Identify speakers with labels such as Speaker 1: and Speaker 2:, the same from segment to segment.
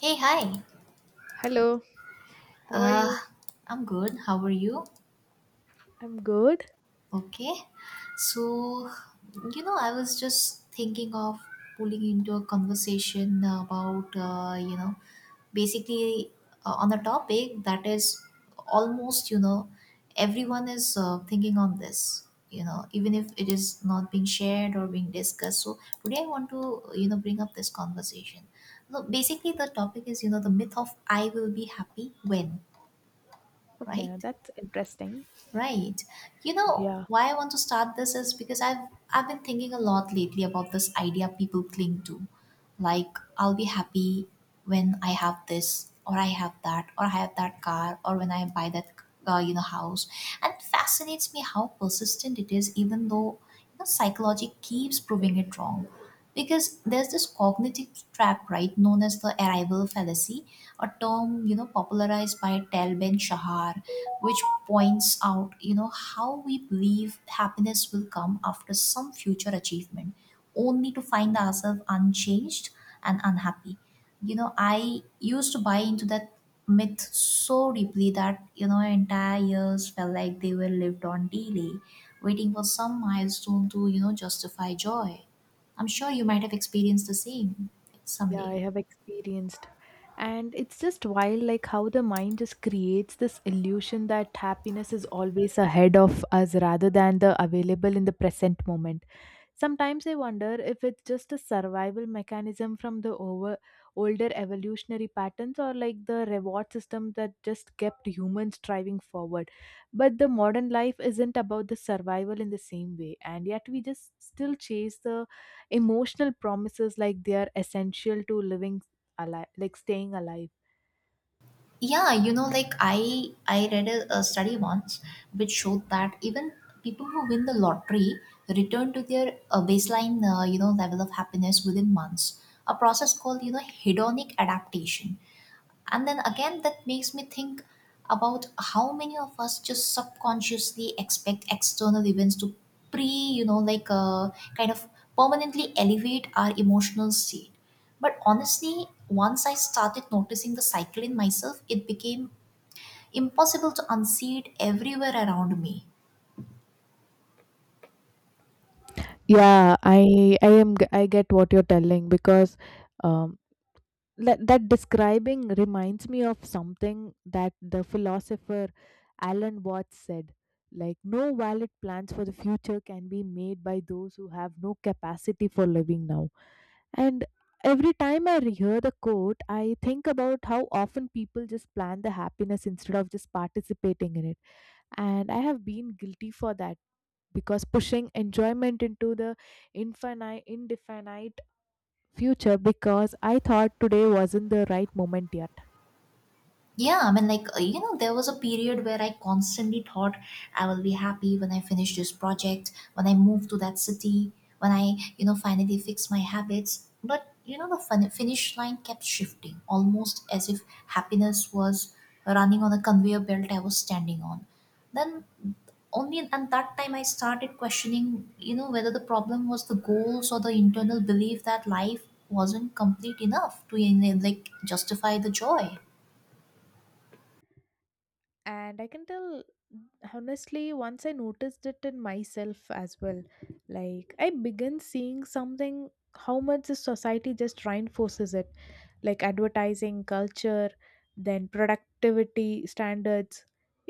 Speaker 1: Hey, hi.
Speaker 2: Hello, how are
Speaker 1: Uh,
Speaker 2: you?
Speaker 1: I'm good. How are you?
Speaker 2: I'm good.
Speaker 1: Okay. So, I was just thinking of pulling into a conversation about, basically on a topic that is almost, everyone is thinking on this, even if it is not being shared or being discussed. So, today I want to, bring up this conversation. So, basically, the topic is, the myth of I will be happy when, right?
Speaker 2: Okay, that's interesting.
Speaker 1: Right. You know
Speaker 2: Yeah,
Speaker 1: why I want to start this is because I've been thinking a lot lately about this idea people cling to. Like I'll be happy when I have this or I have that or I have that car or when I buy that house. And it fascinates me how persistent it is even though psychology keeps proving it wrong. Because there's this cognitive trap, right, known as the arrival fallacy, a term popularized by Tal Ben Shahar, which points out how we believe happiness will come after some future achievement, only to find ourselves unchanged and unhappy. I used to buy into that myth so deeply that entire years felt like they were lived on daily, waiting for some milestone to justify joy. I'm sure you might have experienced the same
Speaker 2: yeah, I
Speaker 1: someday.
Speaker 2: have experienced. And it's just wild, like how the mind just creates this illusion that happiness is always ahead of us rather than the available in the present moment. Sometimes I wonder if it's just a survival mechanism from the over older evolutionary patterns, or like the reward system that just kept humans striving forward. But the modern life isn't about the survival in the same way, and yet we just still chase the emotional promises like they are essential to living alive, like staying alive.
Speaker 1: Yeah, like I read a study once which showed that even people who win the lottery return to their baseline level of happiness within months, a process called hedonic adaptation. And then again that makes me think about how many of us just subconsciously expect external events to pre you know like kind of permanently elevate our emotional state. But honestly, once I started noticing the cycle in myself, it became impossible to unsee it everywhere around me.
Speaker 2: Yeah, I get what you're telling, because um that describing reminds me of something that the philosopher Alan Watts said, like, no valid plans for the future can be made by those who have no capacity for living now. And every time I hear the quote, I think about how often people just plan the happiness instead of just participating in it. And I have been guilty for that, because pushing enjoyment into the infinite indefinite future, because I thought today wasn't the right moment yet.
Speaker 1: Yeah, I mean, like, there was a period where I constantly thought I will be happy when I finish this project, when I move to that city, when I, finally fix my habits. But, the finish line kept shifting, almost as if happiness was running on a conveyor belt I was standing on. Then, only at that time I started questioning, whether the problem was the goals or the internal belief that life wasn't complete enough to, justify the joy.
Speaker 2: And I can tell, honestly, once I noticed it in myself as well, like, I began seeing something, how much the society just reinforces it, like advertising culture, then productivity standards.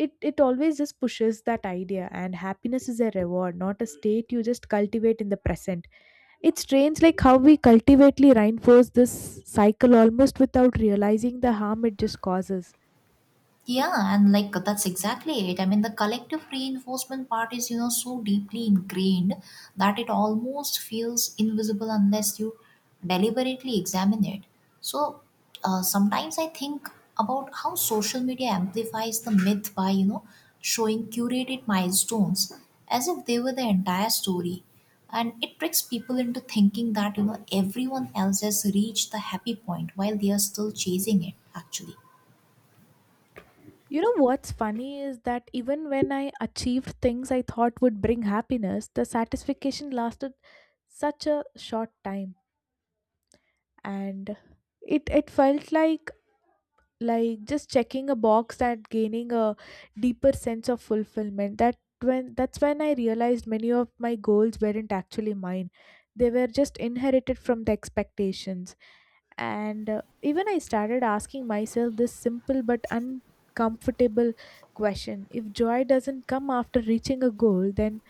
Speaker 2: It always just pushes that idea, and happiness is a reward, not a state you just cultivate in the present. It's strange, like how we cultivately reinforce this cycle almost without realizing the harm it just causes.
Speaker 1: Yeah, and like that's exactly it. I mean, the collective reinforcement part is, so deeply ingrained that it almost feels invisible unless you deliberately examine it. So sometimes I think about how social media amplifies the myth by, showing curated milestones as if they were the entire story. And it tricks people into thinking that, everyone else has reached the happy point while they are still chasing it, actually.
Speaker 2: You know what's funny is that even when I achieved things I thought would bring happiness, the satisfaction lasted such a short time. And it felt like just checking a box and gaining a deeper sense of fulfillment, that's when I realized many of my goals weren't actually mine, they were just inherited from the expectations. And even I started asking myself this simple but uncomfortable question: if joy doesn't come after reaching a goal, then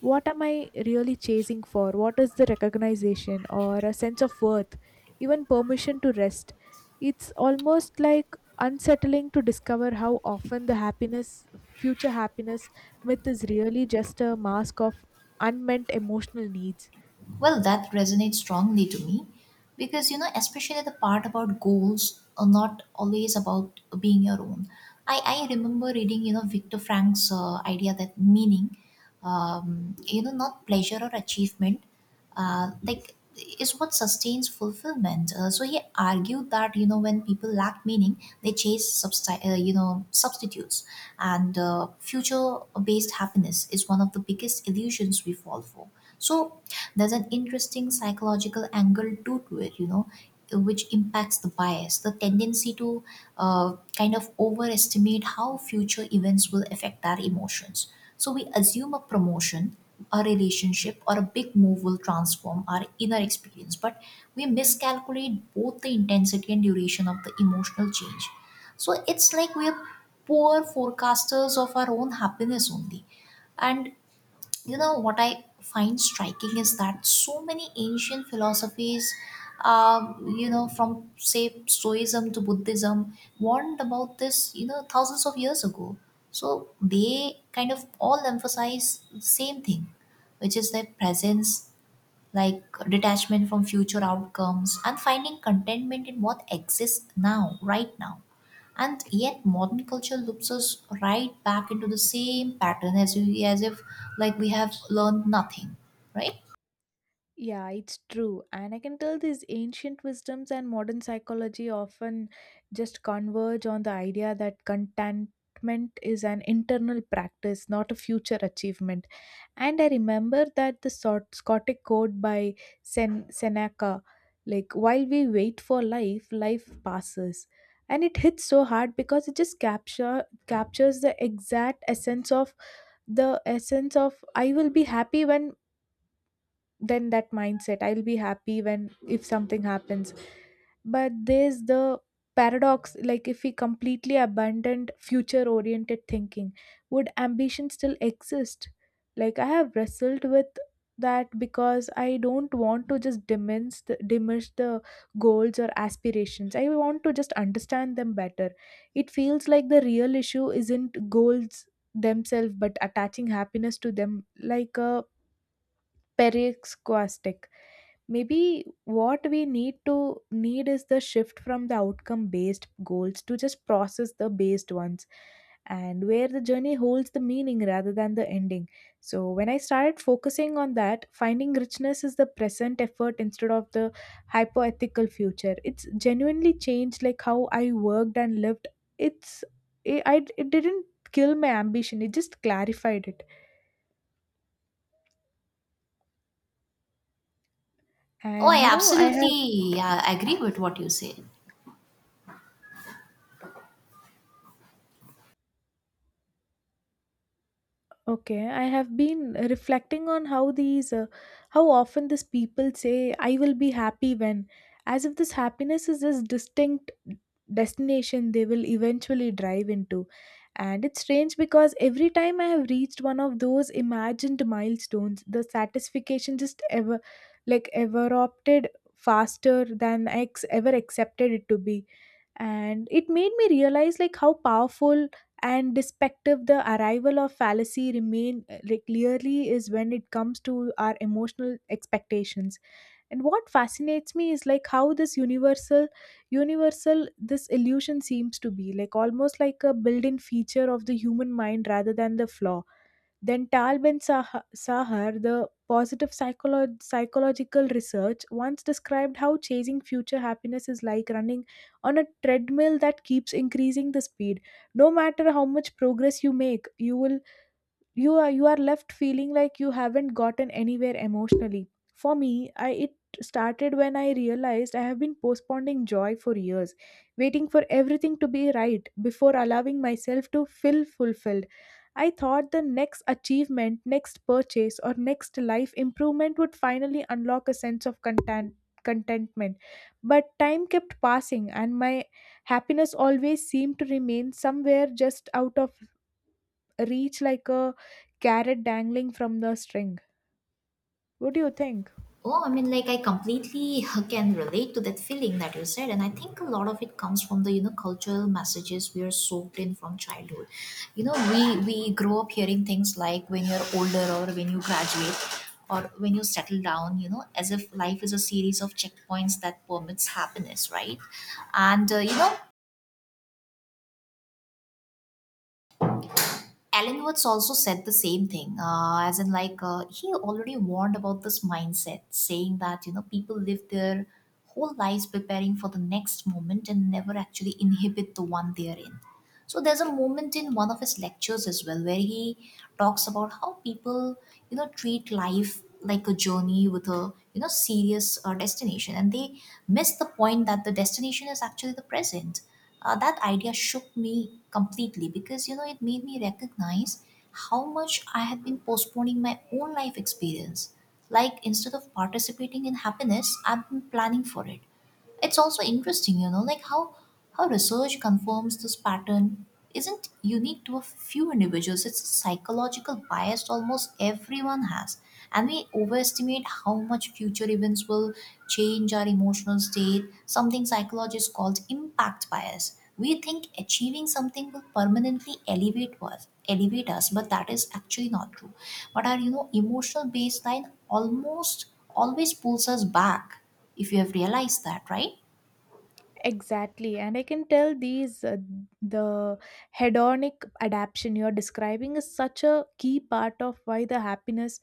Speaker 2: what am I really chasing for? What is the recognition, or a sense of worth, even permission to rest? It's almost, like, unsettling to discover how often the happiness, future happiness myth is really just a mask of unmet emotional needs.
Speaker 1: Well, that resonates strongly to me because, especially the part about goals are not always about being your own. I remember reading, Viktor Frank's idea that meaning, not pleasure or achievement, uh, like is what sustains fulfillment. So he argued that, when people lack meaning, they chase, substitutes, and future-based happiness is one of the biggest illusions we fall for. So there's an interesting psychological angle too to it, which impacts the bias, the tendency to kind of overestimate how future events will affect our emotions. So we assume a promotion, a relationship or a big move will transform our inner experience, but we miscalculate both the intensity and duration of the emotional change. So it's like we're poor forecasters of our own happiness only. And what I find striking is that so many ancient philosophies, um, from say stoicism to buddhism, warned about this thousands of years ago. So they kind of all emphasize the same thing, which is their presence, like detachment from future outcomes and finding contentment in what exists now, right now. And yet, modern culture loops us right back into the same pattern, as if like we have learned nothing, right?
Speaker 2: Yeah, it's true. And I can tell these ancient wisdoms and modern psychology often just converge on the idea that contentment is an internal practice, not a future achievement. And I remember that the Scotic quote by Seneca, like, while we wait for life, life passes. And it hits so hard because it just captures the exact essence of I will be happy when, then that mindset, I'll be happy when if something happens. But there's the paradox: like, if we completely abandoned future oriented thinking, would ambition still exist? Like, I have wrestled with that, because I don't want to just diminish the goals or aspirations. I want to just understand them better. It feels like the real issue isn't goals themselves, but attaching happiness to them like a periscope stick. Maybe what we need is the shift from the outcome based goals to just process the based ones, and where the journey holds the meaning rather than the ending. So when I started focusing on that, finding richness is the present effort instead of the hypothetical future, it's genuinely changed like how I worked and lived. It's it, I, it didn't kill my ambition, it just clarified it.
Speaker 1: Oh,
Speaker 2: And
Speaker 1: I
Speaker 2: I have.
Speaker 1: absolutely agree with what you said.
Speaker 2: Okay, I have been reflecting on how how often these people say, I will be happy when, as if this happiness is this distinct destination they will eventually drive into. And it's strange because every time I have reached one of those imagined milestones, the satisfaction just like, ever opted faster than I ever accepted it to be. And it made me realize like how powerful and despective the arrival of fallacy remain, like clearly is when it comes to our emotional expectations. And what fascinates me is like how this universal this illusion seems to be, like almost like a built-in feature of the human mind rather than the flaw. Then Talben Sahar, the positive psychological research, once described how chasing future happiness is like running on a treadmill that keeps increasing the speed. No matter how much progress you make, you are left feeling like you haven't gotten anywhere emotionally. For me, I it started when I realized I have been postponing joy for years, waiting for everything to be right before allowing myself to feel fulfilled. I thought the next achievement, next purchase, or next life improvement would finally unlock a sense of contentment. But time kept passing and my happiness always seemed to remain somewhere just out of reach, like a carrot dangling from the string. What do you think?
Speaker 1: Oh, I mean, like I completely can relate to that feeling that you said, and I think a lot of it comes from the cultural messages we are soaked in from childhood. You know, we grow up hearing things like when you're older or when you graduate or when you settle down. You know, as if life is a series of checkpoints that permits happiness, right? And Alan Watts also said the same thing, as in like he already warned about this mindset, saying that people live their whole lives preparing for the next moment and never actually inhibit the one they are in. So there's a moment in one of his lectures as well where he talks about how people, treat life like a journey with a, serious destination, and they miss the point that the destination is actually the present. That idea shook me completely because, it made me recognize how much I had been postponing my own life experience. Like instead of participating in happiness, I've been planning for it. It's also interesting, how research confirms this pattern isn't unique to a few individuals, it's a psychological bias almost everyone has. And we overestimate how much future events will change our emotional state, something psychologists call impact bias. We think achieving something will permanently elevate us, but that is actually not true. But our emotional baseline almost always pulls us back, if you have realized that, right?
Speaker 2: Exactly. And I can tell the hedonic adaptation you're describing is such a key part of why the happiness,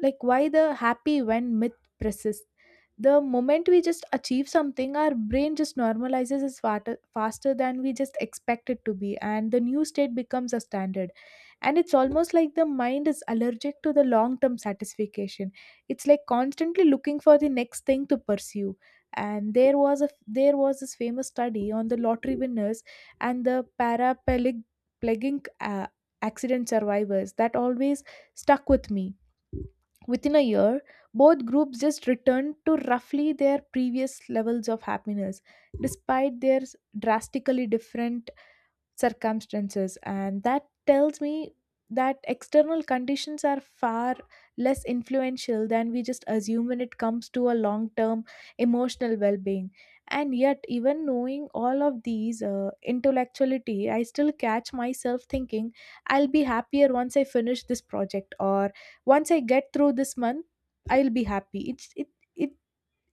Speaker 2: like why the happy when myth persists. The moment we just achieve something, our brain just normalizes it faster, faster than we just expect it to be, and the new state becomes a standard. And it's almost like the mind is allergic to the long term satisfaction. It's like constantly looking for the next thing to pursue. And there was this famous study on the lottery winners and the paraplegic plegic, uh, accident survivors, that always stuck with me. Within a year, both groups just returned to roughly their previous levels of happiness, despite their drastically different circumstances. And that tells me that external conditions are far less influential than we just assume when it comes to a long term emotional well being. And yet, even knowing all of these intellectuality, I still catch myself thinking, I'll be happier once I finish this project, or once I get through this month, I'll be happy. it's it, it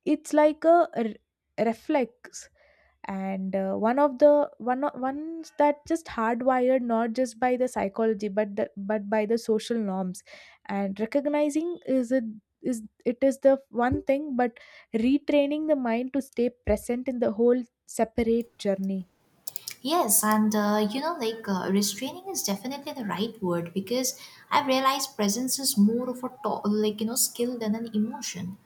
Speaker 2: it's like a reflex. And one of the ones that just hardwired, not just by the psychology, but by the social norms. And recognizing is the one thing, but retraining the mind to stay present in the whole separate journey.
Speaker 1: Yes, and restraining is definitely the right word because I've realized presence is more of a skill than an emotion.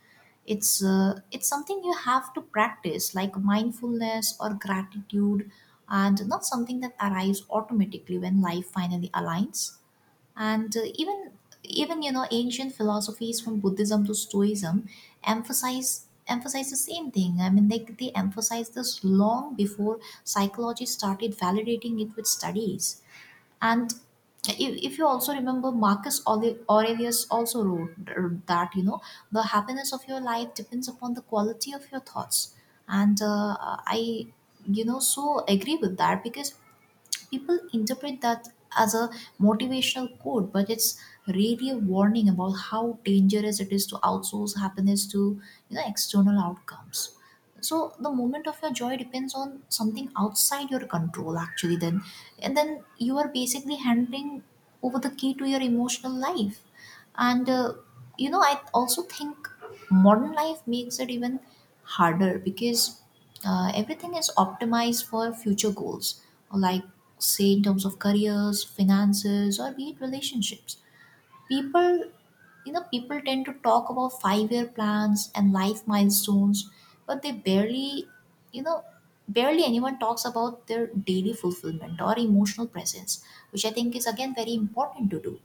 Speaker 1: It's something you have to practice, like mindfulness or gratitude, and not something that arrives automatically when life finally aligns. And even ancient philosophies from buddhism to stoicism emphasize the same thing. I mean, they emphasize this long before psychology started validating it with studies. And if you also remember, Marcus Aurelius also wrote that the happiness of your life depends upon the quality of your thoughts. And I so agree with that because people interpret that as a motivational quote, but it's really a warning about how dangerous it is to outsource happiness to external outcomes. So the moment of your joy depends on something outside your control actually, then. And then you are basically handing over the key to your emotional life. And I also think modern life makes it even harder because everything is optimized for future goals, like say in terms of careers, finances or be it relationships. People you know people tend to talk about 5-year plans and life milestones, but they barely, you know barely anyone talks about their daily fulfillment or emotional presence, which I think is again very important to do.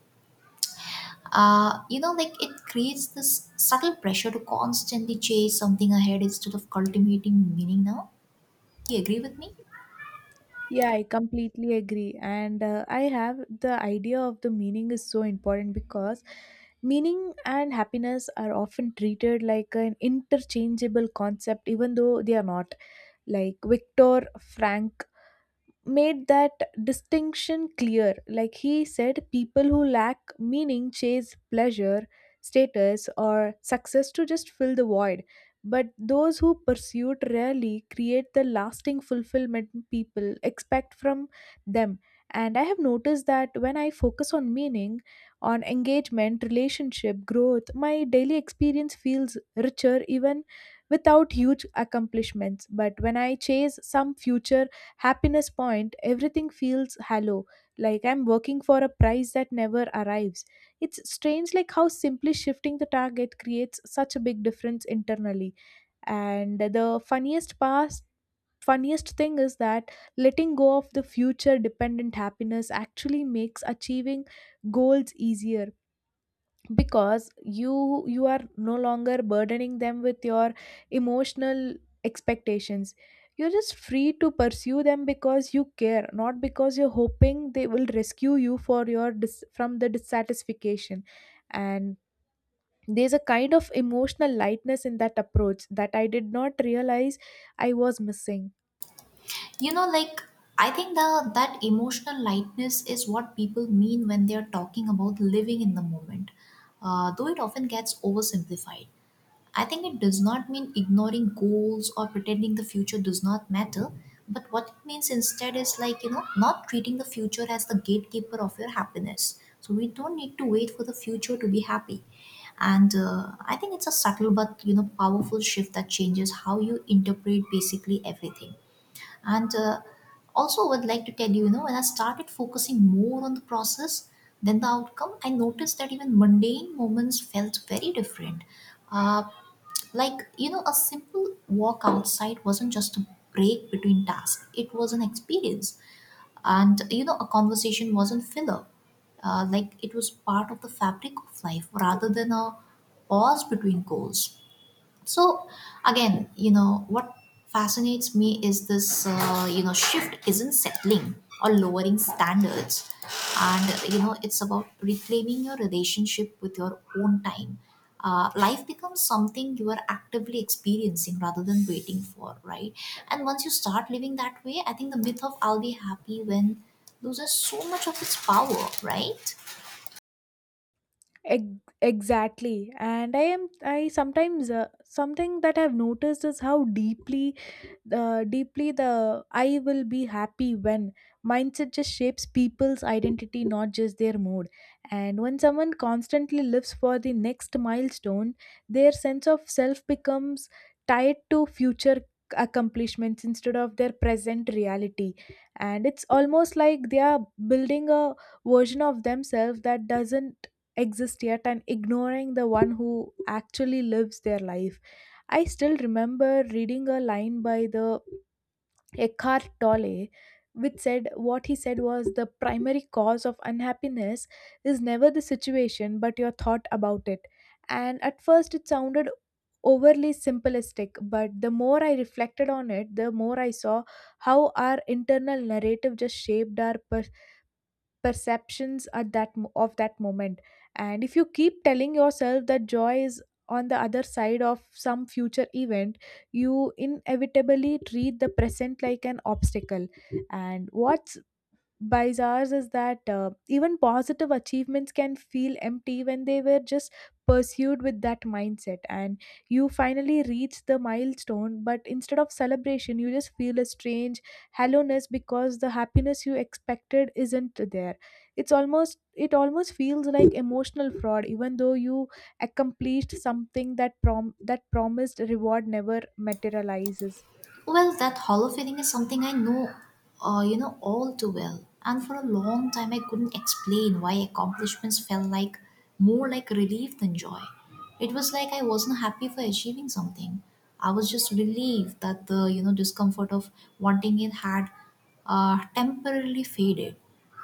Speaker 1: It creates this subtle pressure to constantly chase something ahead instead of cultivating meaning now. Do you agree with me?
Speaker 2: Yeah, I completely agree. And I have the idea of the meaning is so important, because meaning and happiness are often treated like an interchangeable concept, even though they are not. Like Viktor Frankl made that distinction clear. Like he said, people who lack meaning chase pleasure, status, or success to just fill the void. But those who pursue it rarely create the lasting fulfillment people expect from them. And I have noticed that when I focus on meaning, on engagement, relationship, growth, my daily experience feels richer even without huge accomplishments. But when I chase some future happiness point, everything feels hollow, like I'm working for a prize that never arrives. It's strange, like how simply shifting the target creates such a big difference internally. And the funniest thing is that letting go of the future dependent happiness actually makes achieving goals easier, because you you are no longer burdening them with your emotional expectations. You're just free to pursue them because you care, not because you're hoping they will rescue you from the dissatisfaction. And there's a kind of emotional lightness in that approach that I did not realize I was missing.
Speaker 1: you know like I think the that emotional lightness is what people mean when they're talking about living in the moment, though it often gets oversimplified. I think it does not mean ignoring goals or pretending the future does not matter, but what it means instead is like not treating the future as the gatekeeper of your happiness, so we don't need to wait for the future to be happy. And I think it's a subtle but powerful shift that changes how you interpret basically everything. And also, would like to tell you, when I started focusing more on the process than the outcome, I noticed that even mundane moments felt very different. Uh, a simple walk outside wasn't just a break between tasks, it was an experience. And, a conversation wasn't filler. It was part of the fabric of life rather than a pause between goals. So again, what fascinates me is this shift isn't settling or lowering standards. And it's about reclaiming your relationship with your own time. Life becomes something you are actively experiencing rather than waiting for, right? And once you start living that way, I think the myth of I'll be happy when loses so much of its power, right?
Speaker 2: Exactly. And I sometimes, something that I've noticed is how deeply, the I will be happy when mindset just shapes people's identity, not just their mood. And when someone constantly lives for the next milestone, their sense of self becomes tied to future accomplishments instead of their present reality. And it's almost like they are building a version of themselves that doesn't exist yet, and ignoring the one who actually lives their life. I still remember reading a line by the Eckhart Tolle, which said what he said was, the primary cause of unhappiness is never the situation but your thought about it. And at first it sounded overly simplistic, but the more I reflected on it, the more I saw how our internal narrative just shaped our perceptions of that moment. And if you keep telling yourself that joy is on the other side of some future event, you inevitably treat the present like an obstacle. And what by Zars is that, even positive achievements can feel empty when they were just pursued with that mindset. And you finally reach the milestone, but instead of celebration you just feel a strange hollowness because the happiness you expected isn't there. It almost feels like emotional fraud, even though you accomplished something that promised reward never materializes.
Speaker 1: Well, that hollow feeling is something I know, all too well. And for a long time, I couldn't explain why accomplishments felt like more like relief than joy. It was like I wasn't happy for achieving something. I was just relieved that the discomfort of wanting it had temporarily faded.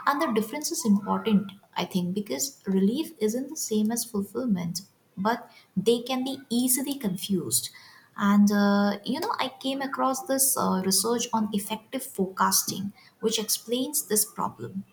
Speaker 1: And the difference is important, I think, because relief isn't the same as fulfillment, but they can be easily confused. And, I came across this research on effective forecasting, which explains this problem.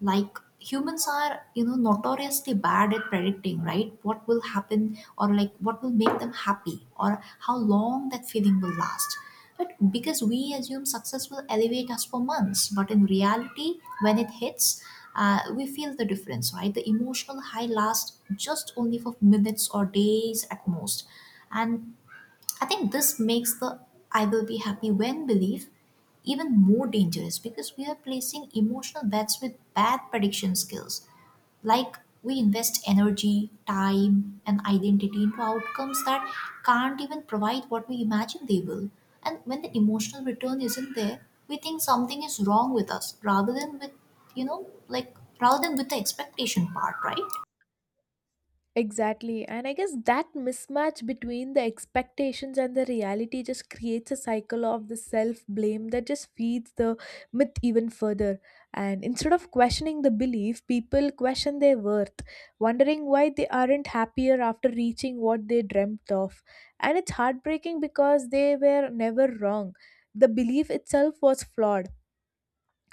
Speaker 1: Like, humans are, notoriously bad at predicting, right, what will happen, or like what will make them happy, or how long that feeling will last. But because we assume success will elevate us for months, but in reality when it hits, we feel the difference, right? The emotional high lasts just only for minutes or days at most. And I think this makes the "I will be happy when" belief even more dangerous, because we are placing emotional bets with bad prediction skills. Like, we invest energy, time, and identity into outcomes that can't even provide what we imagine they will. And when the emotional return isn't there, we think something is wrong with us rather than with, rather than with the expectation part, right?
Speaker 2: Exactly. And I guess that mismatch between the expectations and the reality just creates a cycle of the self blame that just feeds the myth even further. And instead of questioning the belief, people question their worth, wondering why they aren't happier after reaching what they dreamt of. And it's heartbreaking because they were never wrong. The belief itself was flawed.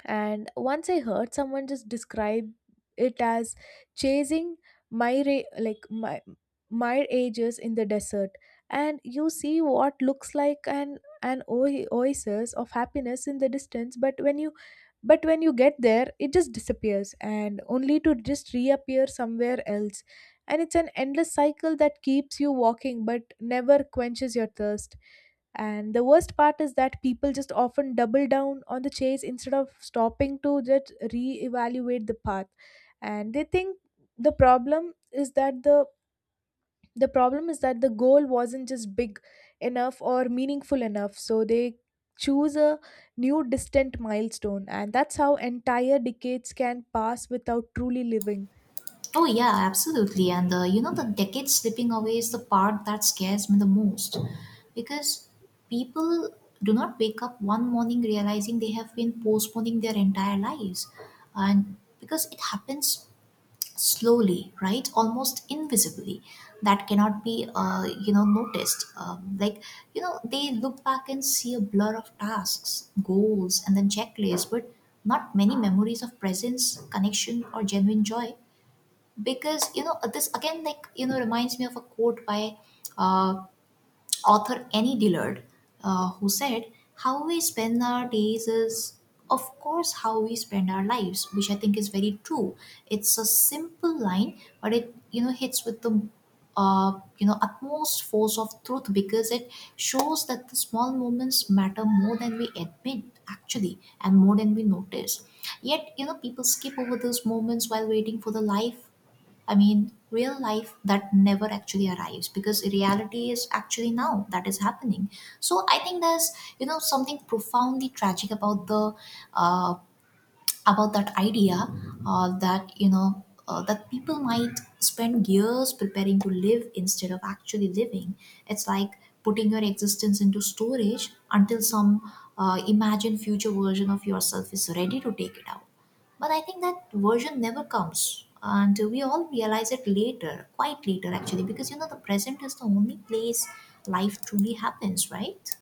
Speaker 2: And once I heard someone just describe it as chasing my ra- like my ages in the desert, and you see what looks like an oasis of happiness in the distance, but when you get there it just disappears, and only to just reappear somewhere else. And it's an endless cycle that keeps you walking but never quenches your thirst. And the worst part is that people just often double down on the chase instead of stopping to just reevaluate the path. And they think the problem is that the the problem is that the goal wasn't just big enough or meaningful enough, so they choose a new distant milestone, and that's how entire decades can pass without truly living.
Speaker 1: Oh yeah, absolutely. And the, the decade slipping away is the part that scares me the most, because people do not wake up one morning realizing they have been postponing their entire lives, and because it happens slowly, right? Almost invisibly, that cannot be noticed. Like, they look back and see a blur of tasks, goals, and then checklists, but not many memories of presence, connection, or genuine joy. Because, this again, like, reminds me of a quote by uh, author Annie Dillard, who said how we spend our days is, of course, how we spend our lives, which I think is very true. It's a simple line, but it, hits with the utmost force of truth, because it shows that the small moments matter more than we admit, actually, and more than we notice. Yet, people skip over those moments while waiting for the life, I mean, real life, that never actually arrives, because reality is actually now that is happening. So I think there's, something profoundly tragic about the, uh, about that idea, that you know that people might spend years preparing to live instead of actually living. It's like putting your existence into storage until some imagined future version of yourself is ready to take it out. But I think that version never comes, and we all realize it later, quite later, actually, because, the present is the only place life truly happens, right?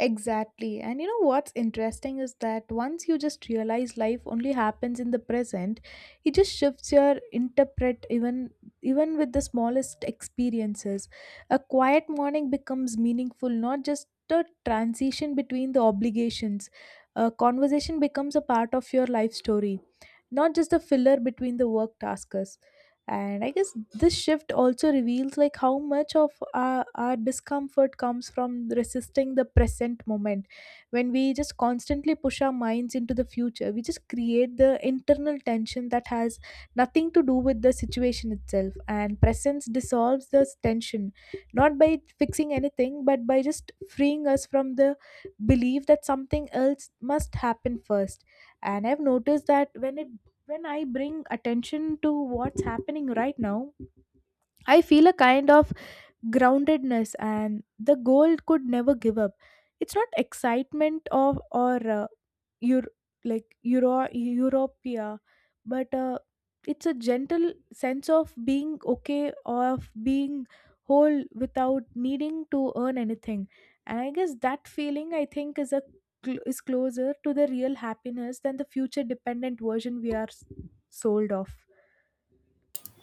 Speaker 2: Exactly. And you know what's interesting is that once you just realize life only happens in the present, it just shifts your interpret even with the smallest experiences. A quiet morning becomes meaningful, not just a transition between the obligations. A conversation becomes a part of your life story, not just the filler between the work tasks. And I guess this shift also reveals like how much of our discomfort comes from resisting the present moment. When we just constantly push our minds into the future, we just create the internal tension that has nothing to do with the situation itself, and presence dissolves this tension, not by fixing anything but by just freeing us from the belief that something else must happen first. And I've noticed that when I bring attention to what's happening right now, I feel a kind of groundedness and the goal could never give up. It's not excitement of or your like europea but it's a gentle sense of being okay, of being whole without needing to earn anything. And I guess that feeling, I think, is a cl- is closer to the real happiness than the future dependent version we are sold of.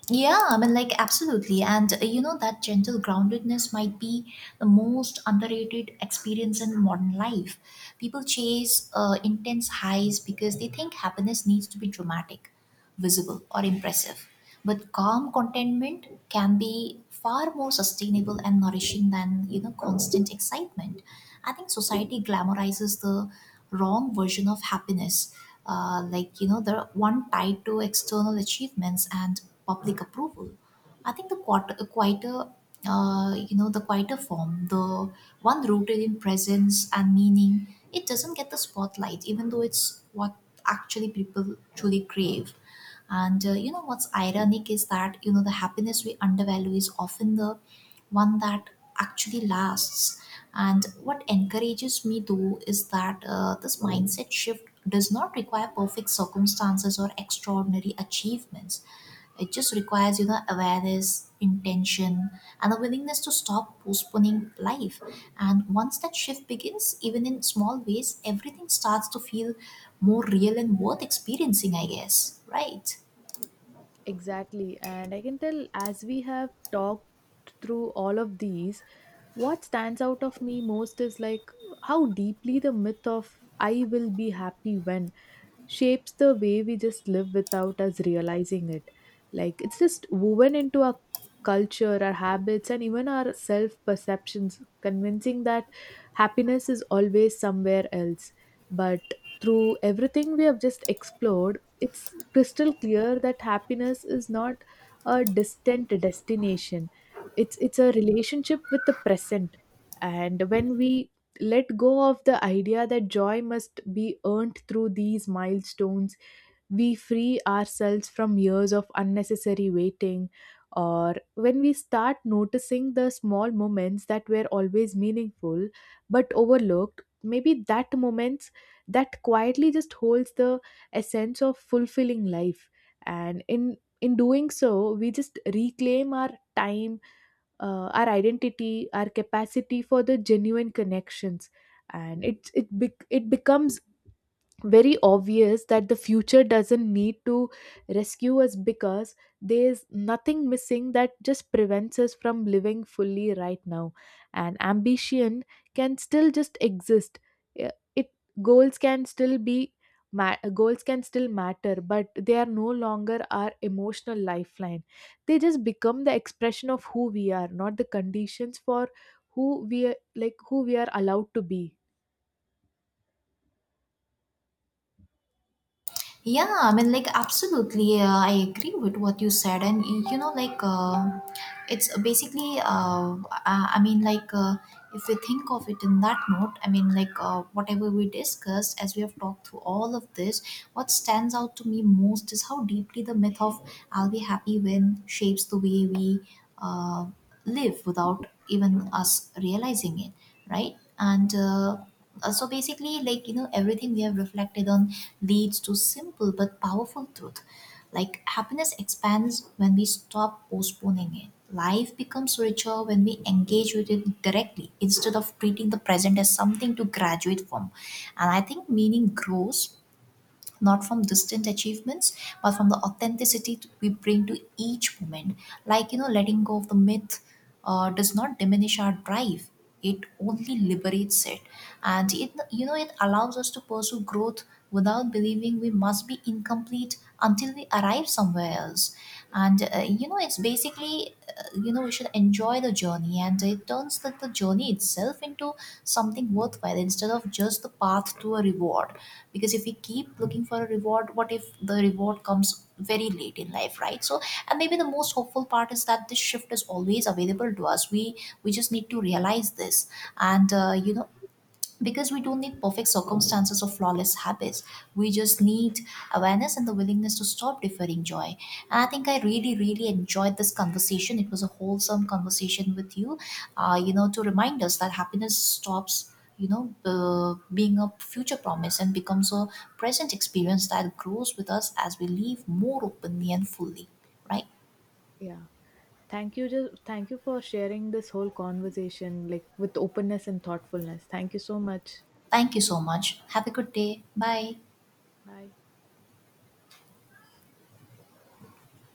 Speaker 1: Yeah, I mean, like, absolutely. And, that gentle groundedness might be the most underrated experience in modern life. People chase intense highs because they think happiness needs to be dramatic, visible, or impressive. But calm contentment can be far more sustainable and nourishing than, constant excitement. I think society glamorizes the wrong version of happiness. The one tied to external achievements and public approval. I think the quieter form, the one rooted in presence and meaning, it doesn't get the spotlight, even though it's what actually people truly crave. And, what's ironic is that, the happiness we undervalue is often the one that actually lasts. And what encourages me, though, is that this mindset shift does not require perfect circumstances or extraordinary achievements. It just requires, awareness, intention, and a willingness to stop postponing life. And once that shift begins, even in small ways, everything starts to feel more real and worth experiencing, I guess, right?
Speaker 2: Exactly. And I can tell, as we have talked through all of these, what stands out of me most is like how deeply the myth of I will be happy when shapes the way we just live without us realizing it. Like it's just woven into our culture, our habits, and even our self perceptions, convincing that happiness is always somewhere else. But through everything we have just explored, it's crystal clear that happiness is not a distant destination. It's a relationship with the present. And when we let go of the idea that joy must be earned through these milestones. We free ourselves from years of unnecessary waiting, or when we start noticing the small moments that were always meaningful but overlooked, maybe that moments that quietly just holds the essence of fulfilling life. And in doing so, we just reclaim our time, our identity, our capacity for the genuine connections, and it becomes very obvious that the future doesn't need to rescue us, because there's nothing missing that just prevents us from living fully right now. And ambition can still just exist. It goals can still be ma- goals can still matter, but they are no longer our emotional lifeline. They just become the expression of who we are, not the conditions for who we are, like who we are allowed to be.
Speaker 1: Yeah, I mean, like, absolutely. I agree with what you said. And, it's basically, I mean, like, if we think of it in that note, I mean, like, whatever we discussed, as we have talked through all of this, what stands out to me most is how deeply the myth of "I'll be happy when" shapes the way we uh, live without even us realizing it, right? And so basically, like, everything we have reflected on leads to simple but powerful truth. Like, happiness expands when we stop postponing it. Life becomes richer when we engage with it directly instead of treating the present as something to graduate from. And I think meaning grows not from distant achievements, but from the authenticity we bring to each moment. Like, letting go of the myth does not diminish our drive, it only liberates it. And it, it allows us to pursue growth without believing we must be incomplete until we arrive somewhere else. And, it's basically, we should enjoy the journey, and it turns the journey itself into something worthwhile instead of just the path to a reward. Because if we keep looking for a reward, what if the reward comes very late in life, right? So, and maybe the most hopeful part is that this shift is always available to us. We just need to realize this. And, because we don't need perfect circumstances or flawless habits, we just need awareness and the willingness to stop deferring joy. And I think I really enjoyed this conversation. It was a wholesome conversation with you, you know to remind us that happiness stops, being a future promise and becomes a present experience that grows with us as we live more openly and fully, right?
Speaker 2: Yeah. Thank you. Just thank you for sharing this whole conversation, like with openness and thoughtfulness. Thank you so much.
Speaker 1: Thank you so much. Have a good day. Bye.
Speaker 2: Bye.